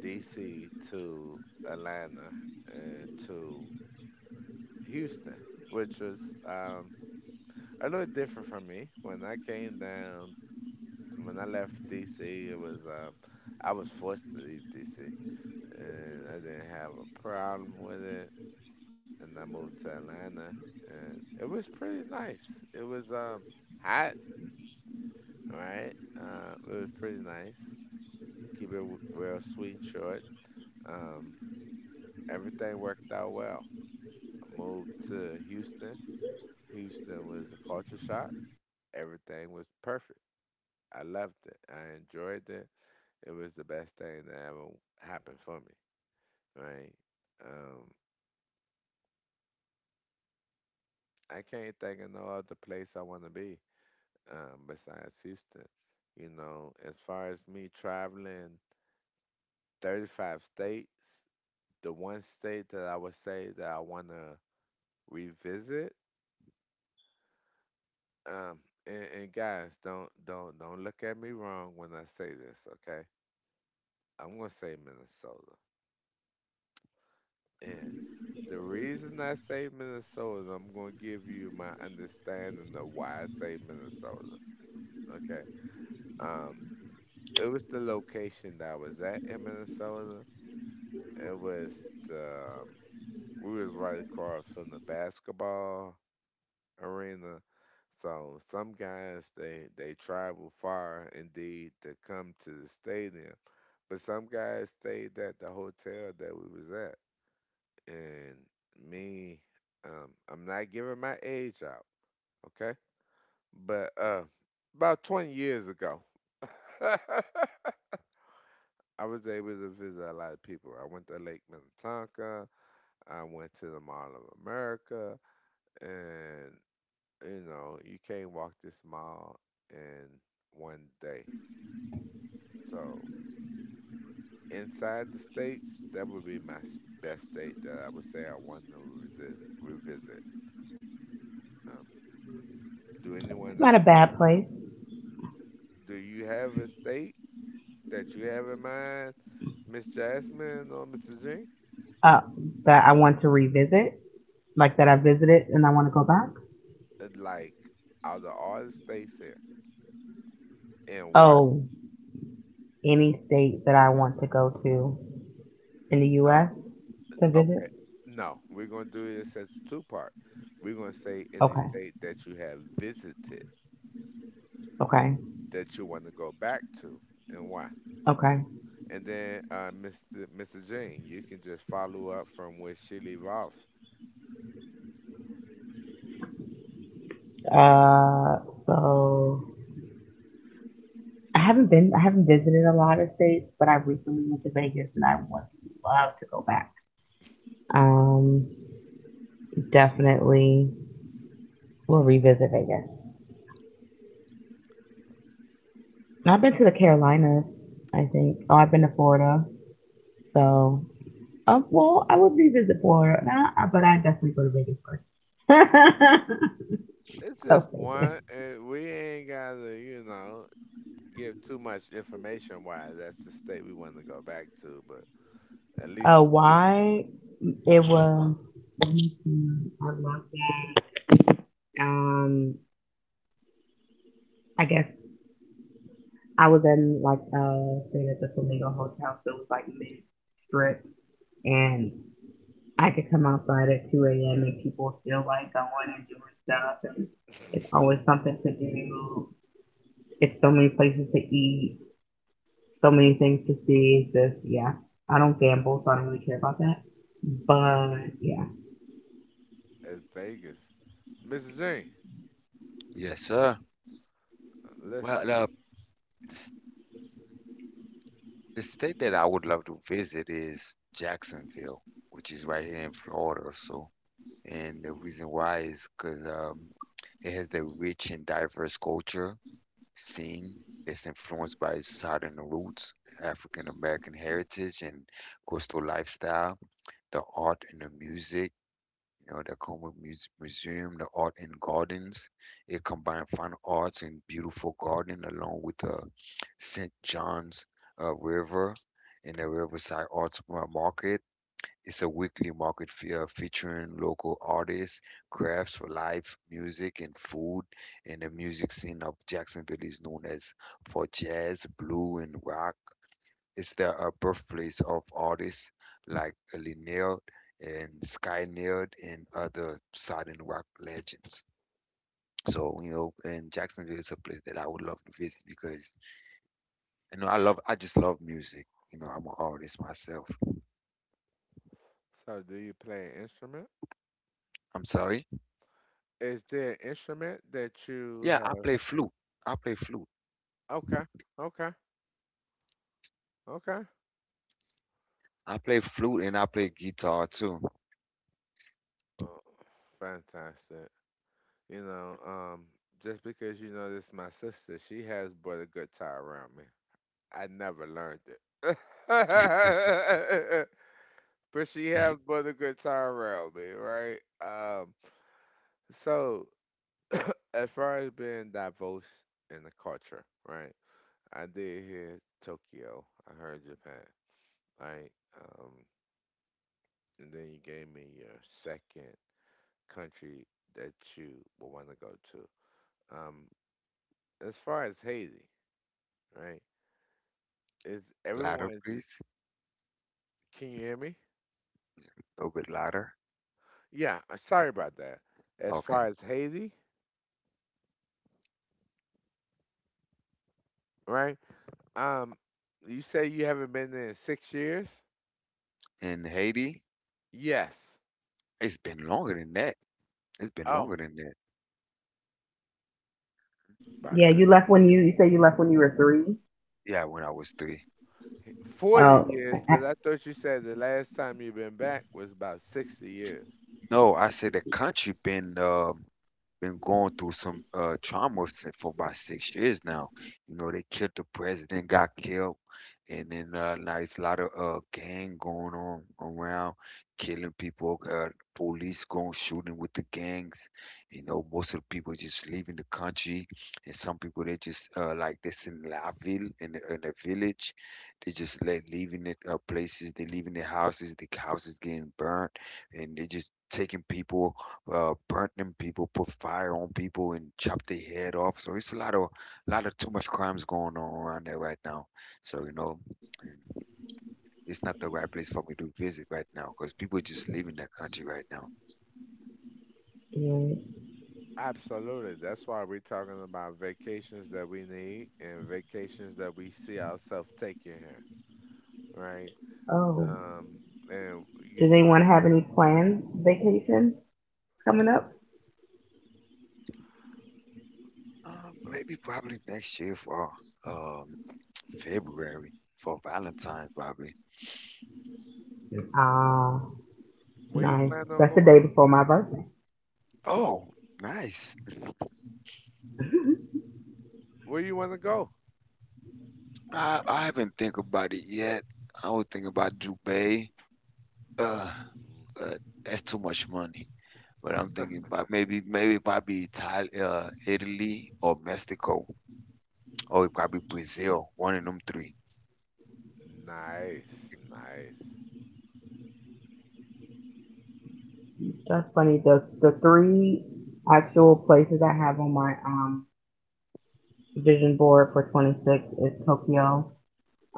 S1: DC to Atlanta and to Houston, which was um, a little different for me. When I left DC, it was I was forced to leave DC and I didn't have a problem with it. And I moved to Atlanta, and it was pretty nice. It was hot, right? It was pretty nice. Keep it real sweet and short. Um, everything worked out well. I moved to Houston. Houston was a culture shock. Everything was perfect. I loved it. I enjoyed it. It was the best thing that ever happened for me, right? Um, I can't think of no other place I want to be besides Houston. You know, as far as me traveling 35 states, the one state that I would say that I want to revisit, um, and guys, don't look at me wrong when I say this, okay? I'm gonna say Minnesota, and the reason I say Minnesota, I'm gonna give you my understanding of why I say Minnesota, okay? Um, it was the location that I was at in Minnesota. It was the, we was right across from the basketball arena. So some guys they travel far indeed to come to the stadium, but some guys stayed at the hotel that we was at. And me, I'm not giving my age out, okay? But about 20 years ago, <laughs> I was able to visit a lot of people. I went to Lake Minnetonka. I went to the Mall of America. And you know you can't walk this mile in one day. So inside the states, that would be my best state that I would say I want to revisit. um, do anyone
S2: It's not a
S1: else
S2: bad place.
S1: Do you have a state that you have in mind, Miss Jasmine or Mr. G?
S2: uh, that I want to revisit. Like that I visited and I want to go back?
S1: Like out of all the states here, and why?
S2: Oh, any state that I want to go to in the
S1: No,
S2: U.S. to
S1: okay,
S2: visit?
S1: no, we're gonna do this as a two part. We're gonna say any
S2: Okay,
S1: state that you have visited
S2: okay,
S1: that you want to go back to and why.
S2: okay.
S1: And then Mr. Jean, you can just follow up from where she leave off.
S2: Uh, so I haven't visited a lot of states, but I recently went to Vegas and I would love to go back. Um, Definitely will revisit Vegas. I've been to the Carolinas, I think. Oh, I've been to Florida, so well, I would revisit Florida, nah, but I definitely go to Vegas first.
S1: It's
S2: <laughs> So
S1: just one.
S2: Vegas.
S1: And we ain't gotta, give too much information. Why that's the state we want to go back to, but at least why we went
S2: Why? It was. I love that. Um, I guess I was in like staying at the Flamingo Hotel, so it was like mid strip, and I could come outside at 2 a.m. and people still like going and doing stuff, and it's always something to do. It's so many places to eat, so many things to see. This, yeah. I don't gamble, so I don't really care about that. But yeah,
S1: as Vegas. Mr. Jean,
S3: Yes, sir. Well,
S1: listen.
S3: s- the state that I would love to visit is Jacksonville, which is right here in Florida. So. And the reason why is because it has the rich and diverse culture scene that's influenced by its southern roots, African American heritage, and coastal lifestyle. The art and the music, you know, the Como Museum, the art and gardens. It combines fine arts and beautiful garden along with the St. John's River and the Riverside Arts Market. It's a weekly market featuring local artists, crafts for life, music, and food. And the music scene of Jacksonville is known as for jazz, blue, and rock. It's the birthplace of artists like Linnell and Sky Nerd and other Southern rock legends. So, you know, and Jacksonville is a place that I would love to visit because, you know, I just love music. You know, I'm an artist myself.
S1: So, do you play an instrument?
S3: I'm sorry.
S1: Is there an instrument that you
S3: Yeah, I
S1: have?
S3: play flute. I play flute.
S1: Okay, okay, okay.
S3: I play flute and I play guitar too.
S1: Oh, fantastic. You know, just because this is my sister, she has brought a good tie around me. I never learned it. <laughs> But she has brought a good tie around me, right? Um, so as far as being diverse in the culture, right? I did hear Tokyo. I heard Japan, right? Um, and then you gave me your second country that you would want to go to. Um, as far as Haiti, right? Is
S3: Louder,
S1: everyone?
S3: please.
S1: Can you hear me?
S3: A little bit louder.
S1: Yeah. Sorry about that. As
S3: Okay.
S1: far as Haiti, right? Um, you say you haven't been there in 6 years?
S3: In Haiti,
S1: Yes.
S3: it's been longer than that. It's been
S1: Oh,
S3: longer than that. About a
S2: yeah. You
S3: good,
S2: left when you said you left when you were three.
S3: yeah, when I was three.
S1: forty
S2: Oh,
S1: years,
S2: I-
S1: but I thought you said the last time you've been back was about 60 years.
S3: No, I said the country been going through some trauma since for about 6 years now. You know, they killed the president, got killed, and then now it's a lot of gang going on around, killing people. Police going shooting with the gangs. You know, most of the people just leaving the country, and some people they just like this in La Ville in in the village. They just like leaving it places, they leaving their houses. The houses getting burnt, and they just taking people burnt them people, put fire on people, and chopped their head off. So it's a lot of too much crimes going on around there right now. So
S1: Yeah.
S3: you know, and it's not the right place for me to visit right now because people are just leaving that country right now.
S2: yeah.
S1: Absolutely. That's why we're talking about vacations that we need and vacations that we see ourselves taking here, right?
S2: Oh.
S1: Um, and you
S2: Does
S1: know,
S2: anyone have any planned vacation coming up?
S3: Maybe probably next year for um February for Valentine's probably.
S2: Ah,
S1: where you
S2: nice.
S1: plan on
S2: That's the
S1: going?
S2: day before my birthday.
S3: Oh, nice.
S1: Where you want to go?
S3: I haven't think about it yet. I was thinking about Dubai. Uh, uh, that's too much money. But I'm thinking about maybe probably Itali Italy or Mexico or it probably Brazil, one of them three.
S1: Nice, nice.
S2: <laughs> That's funny. The three actual places I have on my vision board for 26 is Tokyo,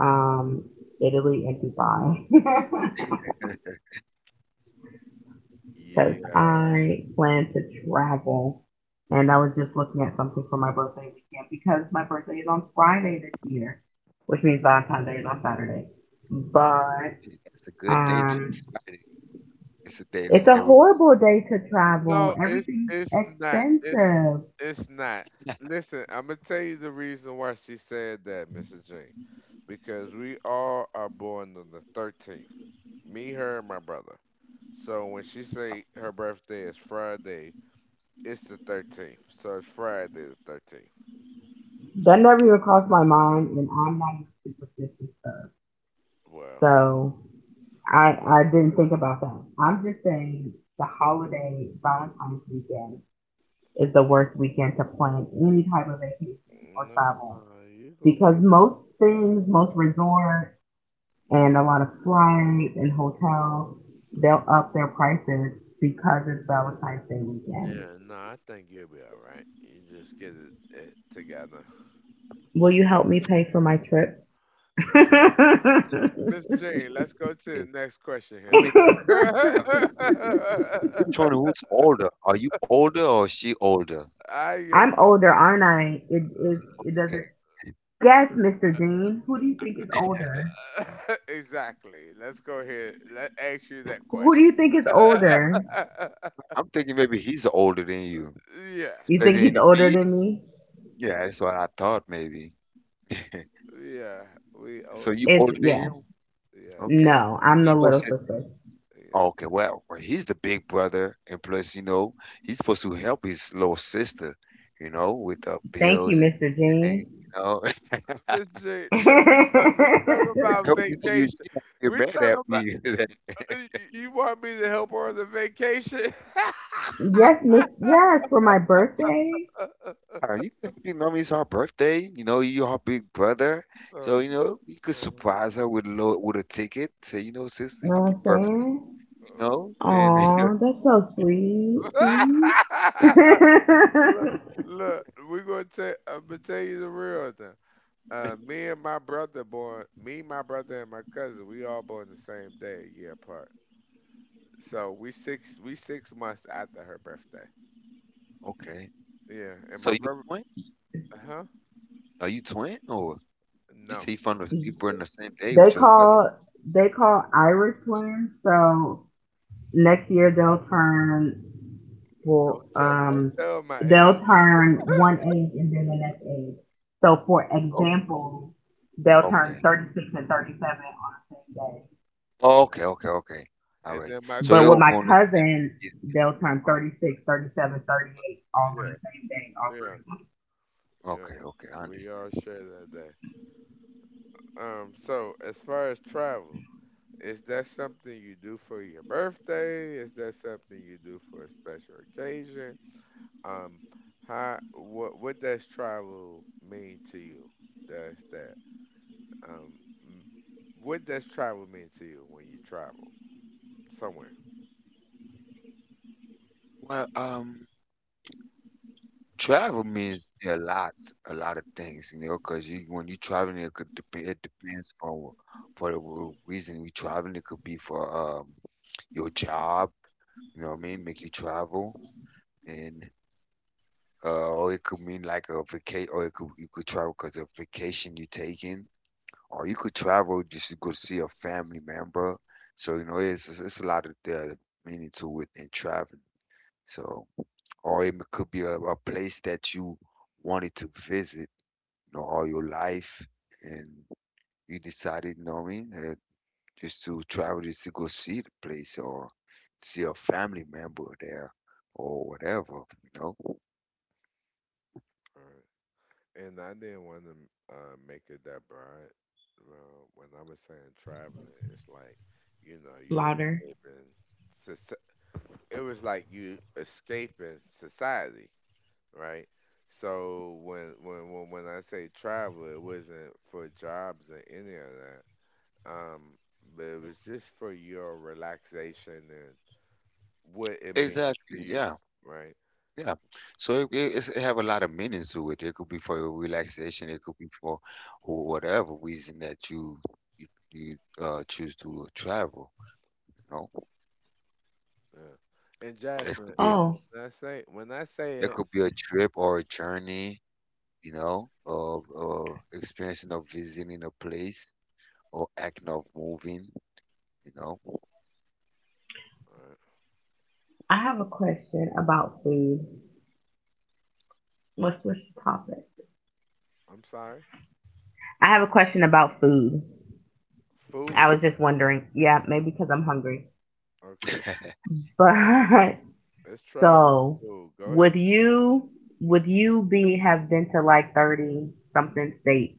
S2: um, Italy, and Dubai. <laughs> Because
S1: Yeah.
S2: I plan to travel. And I was just looking at something for my birthday weekend because my birthday is on Friday this year, which means Valentine's Day is on Saturday. But
S3: Yeah, it's a good day to
S2: um,
S3: Friday. It's a day when
S2: it's a
S3: everybody.
S2: horrible day to
S1: No,
S2: travel.
S1: it's
S2: Everything's
S1: it's not.
S2: expensive.
S1: It's not. Listen, I'm gonna tell you the reason why she said that, Mr. Jean, because we all are born on the 13th. Me, her, and my brother. So when she
S3: Out.
S1: say her birthday is Friday, it's the 13th. So it's Friday the 13th.
S2: That never
S1: So
S2: even crossed my mind, and I'm not even superstitious stuff.
S1: well,
S2: So I didn't think about that. I'm just saying the holiday Valentine's weekend is the worst weekend to plan any type of vacation or travel
S1: no, you gonna
S2: because
S1: be...
S2: most things, most resorts, and a lot of flights and hotels, they'll up their prices because it's Valentine's Day weekend.
S1: Yeah, no, I think you'll be all right. You just get it together.
S2: Will you help me pay for my trip? <laughs>
S1: Mr. Jane, let's go to
S3: Yeah.
S1: the next question
S3: I
S1: here,
S3: mean, uh,
S1: sir.
S3: we're
S1: <laughs>
S3: trying to who's older. Are you older or she older?
S1: I am
S2: I'm
S1: the...
S2: older, aren't I? It is. It
S3: Okay,
S2: doesn't. Guess, Mr. Dean. Who do you think is older?
S1: <laughs> Exactly. Let's go ahead. Let ask you that
S2: Who do
S1: question.
S2: you think is older?
S1: <laughs>
S3: I'm thinking maybe he's older than you.
S2: You
S1: Yes.
S3: Because
S2: think
S3: in
S2: he's
S3: the,
S2: older than me?
S3: yeah, that's what I thought maybe. <laughs>
S1: Yeah. We oh
S3: So you
S2: It's
S3: older than
S2: yeah.
S3: him?
S1: yeah.
S3: Okay.
S2: No, I'm the
S3: You know,
S2: little
S3: since,
S2: sister.
S3: oh,
S1: Yeah.
S3: okay, well, he's the big brother, and plus, you know, he's supposed to help his little sister, you know, with the
S2: Thank you,
S3: bills and
S2: Mr. Jean.
S3: things, you know. <laughs> I
S1: Miss Jane,
S2: <laughs>
S1: look, we talk
S2: Yes,
S1: we
S3: hope
S1: talk
S3: I
S1: about
S3: hope you you
S1: vacation.
S3: you don't get
S1: We
S3: mad
S1: talk
S3: at
S1: about
S3: me. <laughs> That
S1: uh, you want me to help her on the vacation?
S2: Miss. Yes, for my
S3: you
S2: birthday.
S1: <laughs>
S3: you can, you know, it's her birthday. You know, you're her big brother,
S1: Uh,
S3: so you know you could
S1: uh,
S3: surprise her with a with a ticket. Say, you know, sis,
S2: You know what
S3: happy
S2: I'm
S3: birthday,
S2: saying?
S3: you
S1: uh.
S3: know, and <laughs>
S2: Aw, that's so sweet. See? <laughs>
S1: <laughs> Look, look, we gonna tell. I'm gonna tell you the real thing. Me and my brother born. Me, my brother, and my cousin. We all born the same day, a year apart. So we six. We 6 months after her birthday.
S3: Okay.
S1: Yeah, and
S3: So
S1: my
S3: you
S1: brother.
S3: a twin?
S1: Huh?
S3: Are you twin or you say
S1: No.
S3: you from the you born the same day
S2: they
S3: with your brother?
S2: call they call Irish twins, so next year they'll turn will
S1: Don't tell. Don't tell my
S2: they'll
S1: age.
S2: turn one age and then the next age. So for
S3: Oh,
S2: example, they'll turn
S3: okay.
S2: 36 and 37 on the same day.
S3: Oh,
S1: Yeah.
S3: okay. All
S1: And
S3: right.
S1: then my
S3: So
S2: But
S3: they
S1: cousin.
S2: with
S3: were
S2: my
S3: born the
S2: cousin,
S3: same
S2: they'll turn
S3: month.
S2: 36, 37, 38 all on
S1: Yeah.
S2: the same day, all
S1: Yeah.
S2: three of them.
S1: Yeah.
S3: Okay, I
S1: We
S3: understand.
S1: all share that day. So as far as travel. Is that something you do for your birthday? Is that something you do for a special occasion? Um, how what does travel mean to you? Does that um m- what does travel mean to you when you travel somewhere?
S3: Well, travel means a lot of things, you know, 'cause you when you traveling, it could depend. It depends for for the reason you traveling. It could be for your job, you know what I mean, make you travel, and or it could mean like a vacation, or it could you could travel because of vacation you taking, or you could travel just to go see a family member. So you know, it's it's a lot of the meaning to it in traveling. So, or it could be a place that you wanted to visit know, all your life, and you decided, you know what I mean, just to travel, just to go see the place or see a family member there or whatever, you know?
S1: All right. And I didn't want to make it that broad. Well, when I was saying traveling, it's like you know you
S2: Louder.
S1: escaping. soci- It was like you escaping society, right? So when I say travel, it wasn't for jobs or any of that. Um, but it was just for your relaxation and what it means to
S3: Exactly.
S1: you,
S3: Yeah.
S1: right?
S3: Yeah. So it have a lot of meanings to it. It could be for your relaxation. It could be for whatever reason that you choose to travel. You know,
S1: Yeah. And
S3: it
S1: Jasmine,
S3: could be
S1: and
S2: Oh,
S1: when I say
S3: it
S1: it,
S3: could be a trip or a journey. You know, of experiencing or visiting a place or act of moving, you know.
S1: uh,
S2: I have a question about food. What's the topic?
S1: I'm sorry.
S2: I have a question about food. I
S1: Food,
S2: was just wondering. Yeah, maybe because I'm hungry. <laughs>
S1: okay.
S3: <laughs>
S2: But
S1: It's travel and
S2: so
S1: food. Go ahead.
S2: would you would you be have been to like 30 something states?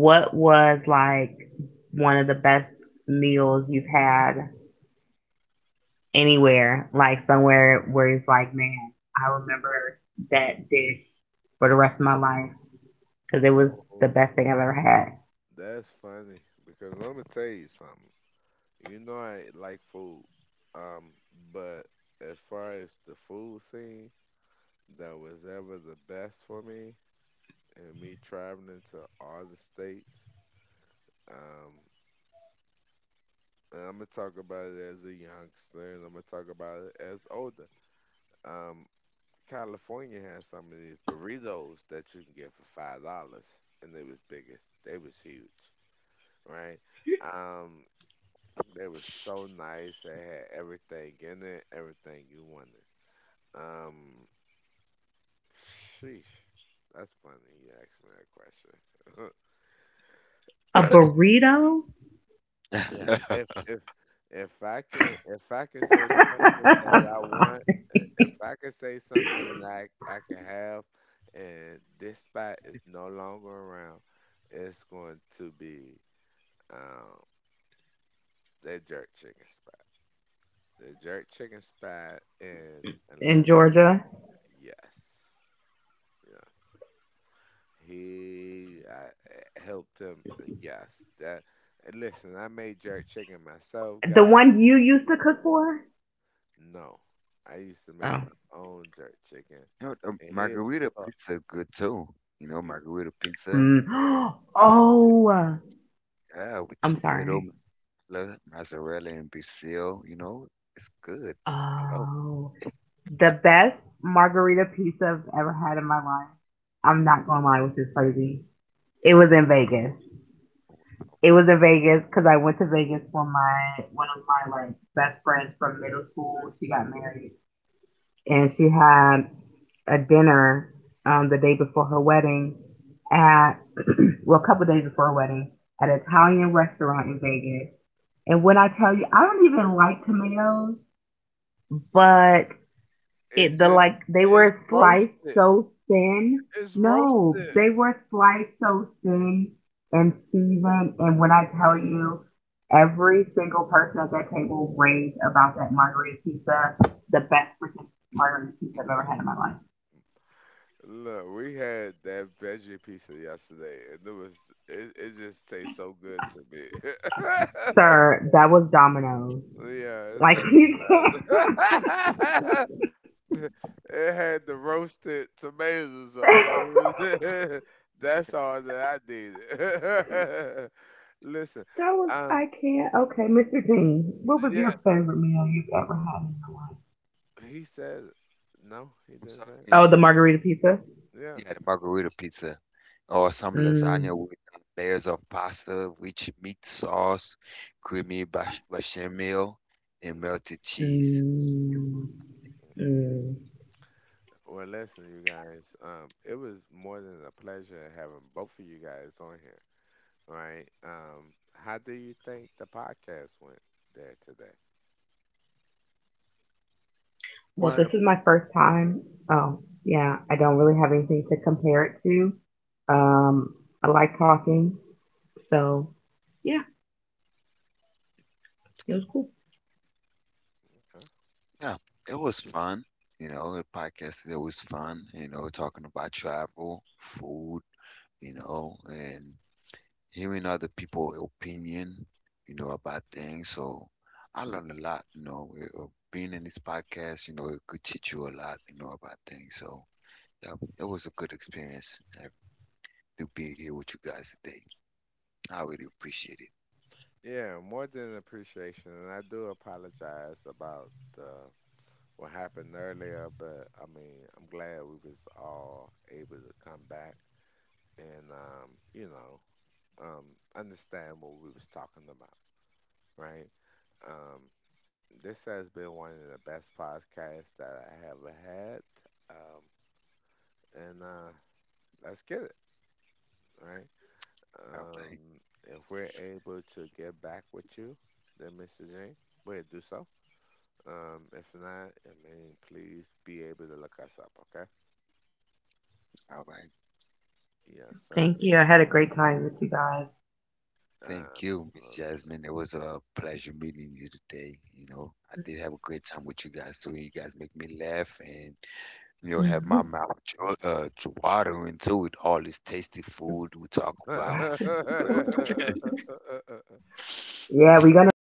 S2: What was like one of the best meals you've had anywhere? Like somewhere where it's like, man, I remember that dish for the rest of my life because it was the
S1: Oh,
S2: best thing I've ever had.
S1: that's funny because let me tell you something. You know I like food, um, but as far as the food scene that was ever the best for me, and me traveling to all the states, um, and I'm gonna talk about it as a youngster, and I'm gonna talk about it as older. Um, California has some of these burritos that you can get for $5, and they was biggest, they was huge, right? Um, they were so nice. They had everything in it, everything you wanted. Um, sheesh, that's funny. You asked me that question.
S2: A burrito
S1: Yeah, if if I can say something that I want,
S2: <laughs>
S1: if I can say something that I can have, and this spot is no longer around, it's going to be um that jerk chicken spot. The jerk chicken spot in
S2: in
S1: Atlanta.
S2: Georgia.
S1: Yes, yes. He I, I helped him. Yes, that. Listen, I made jerk chicken myself,
S2: The
S1: guys.
S2: one you used to cook for?
S1: No, I used to make
S2: Oh.
S1: my own jerk chicken,
S3: You know,
S1: and his was
S3: margarita
S1: called.
S3: pizza good too. You know,
S1: He
S3: margarita pizza,
S2: Mm. <gasps>
S3: good.
S2: Oh,
S3: Yeah, with
S2: I'm
S3: tomato,
S2: sorry.
S3: mozzarella and basil, you know, it's good. I love.
S2: Oh, the best margarita pizza I've ever had in my life. I'm not gonna lie, which is crazy. It was in Vegas. It was in Vegas because I went to Vegas for my one of my like best friends from middle school. She got married and she had a dinner the day before her wedding at <clears throat> well a couple days before her wedding at an Italian restaurant in Vegas. And when I tell you, I don't even like tomatoes, but
S1: It
S2: it the
S1: just
S2: like they
S1: it's
S2: were sliced
S1: roasted.
S2: so thin.
S1: It's
S2: No,
S1: roasted.
S2: they were sliced so thin and seasoned. And when I tell you, every single person at that table raved about that margarita pizza, the best freaking margarita pizza I've ever had in my life.
S1: Look, we had that veggie pizza yesterday, and it was it just tastes so good to me. <laughs>
S2: Sir, that was Domino's.
S1: Yeah, it's
S2: Like
S1: nothing.
S2: you can't. <laughs>
S1: <laughs> It had the roasted tomatoes on
S2: that
S1: it. It was... <laughs> That's all that I needed. <laughs> Listen,
S2: was I
S1: um,
S2: can't. Okay, Mr. Dean, what was your
S1: yeah,
S2: favorite meal you've ever had in your life?
S1: he said no. He
S3: I'm
S1: didn't
S3: sorry,
S1: say it.
S3: can you,
S2: Oh, the margarita pizza.
S1: Yeah.
S3: you had a margarita pizza
S1: Yeah.
S3: or some
S2: Mm,
S3: lasagna with layers of pasta, rich meat sauce, creamy bash bechamel, and
S1: Mm.
S3: melted cheese.
S2: mm, mm.
S1: Well, listen, you guys. It was more than a pleasure having both of you guys on here. All right. How do you think the podcast went there today?
S2: Well, this
S3: What?
S2: is my first time. Oh, yeah, I don't really have anything to compare it to. Um, I like talking, so yeah, it was cool.
S1: Huh?
S3: Yeah, it was fun. You know, the podcast, it was fun, you know, talking about travel, food, you know, and hearing other people's opinion, you know, about things. So I learned a lot, you know, being in this podcast, you know, it could teach you a lot, you know, about things. So yeah, it was a good experience to be here with you guys today. I really appreciate it.
S1: Yeah, more than appreciation, and I do apologize about the what happened earlier, but I mean, I'm glad we was all able to come back and um, understand what we was talking about, right? Um, this has been one of the best podcasts that I have had, um, and let's get it, right?
S3: All right.
S1: Um, if we're able to get back with you, then Mr. J, we'll do so. If not, I mean, please be able to look us up, okay?
S3: All right.
S1: Yes,
S2: Thank
S1: sir.
S2: you. I had a great time with you guys.
S3: Thank
S1: Um,
S3: you, Miss
S1: um,
S3: Jasmine. It was a pleasure meeting you today. You know, I did have a great time with you guys too. You guys make me laugh and you know have
S2: Mm-hmm.
S3: my mouth jo- watering too with all this tasty food we talk about. So it was a <laughs> pleasure.
S1: <laughs>
S2: Yeah, we're gonna make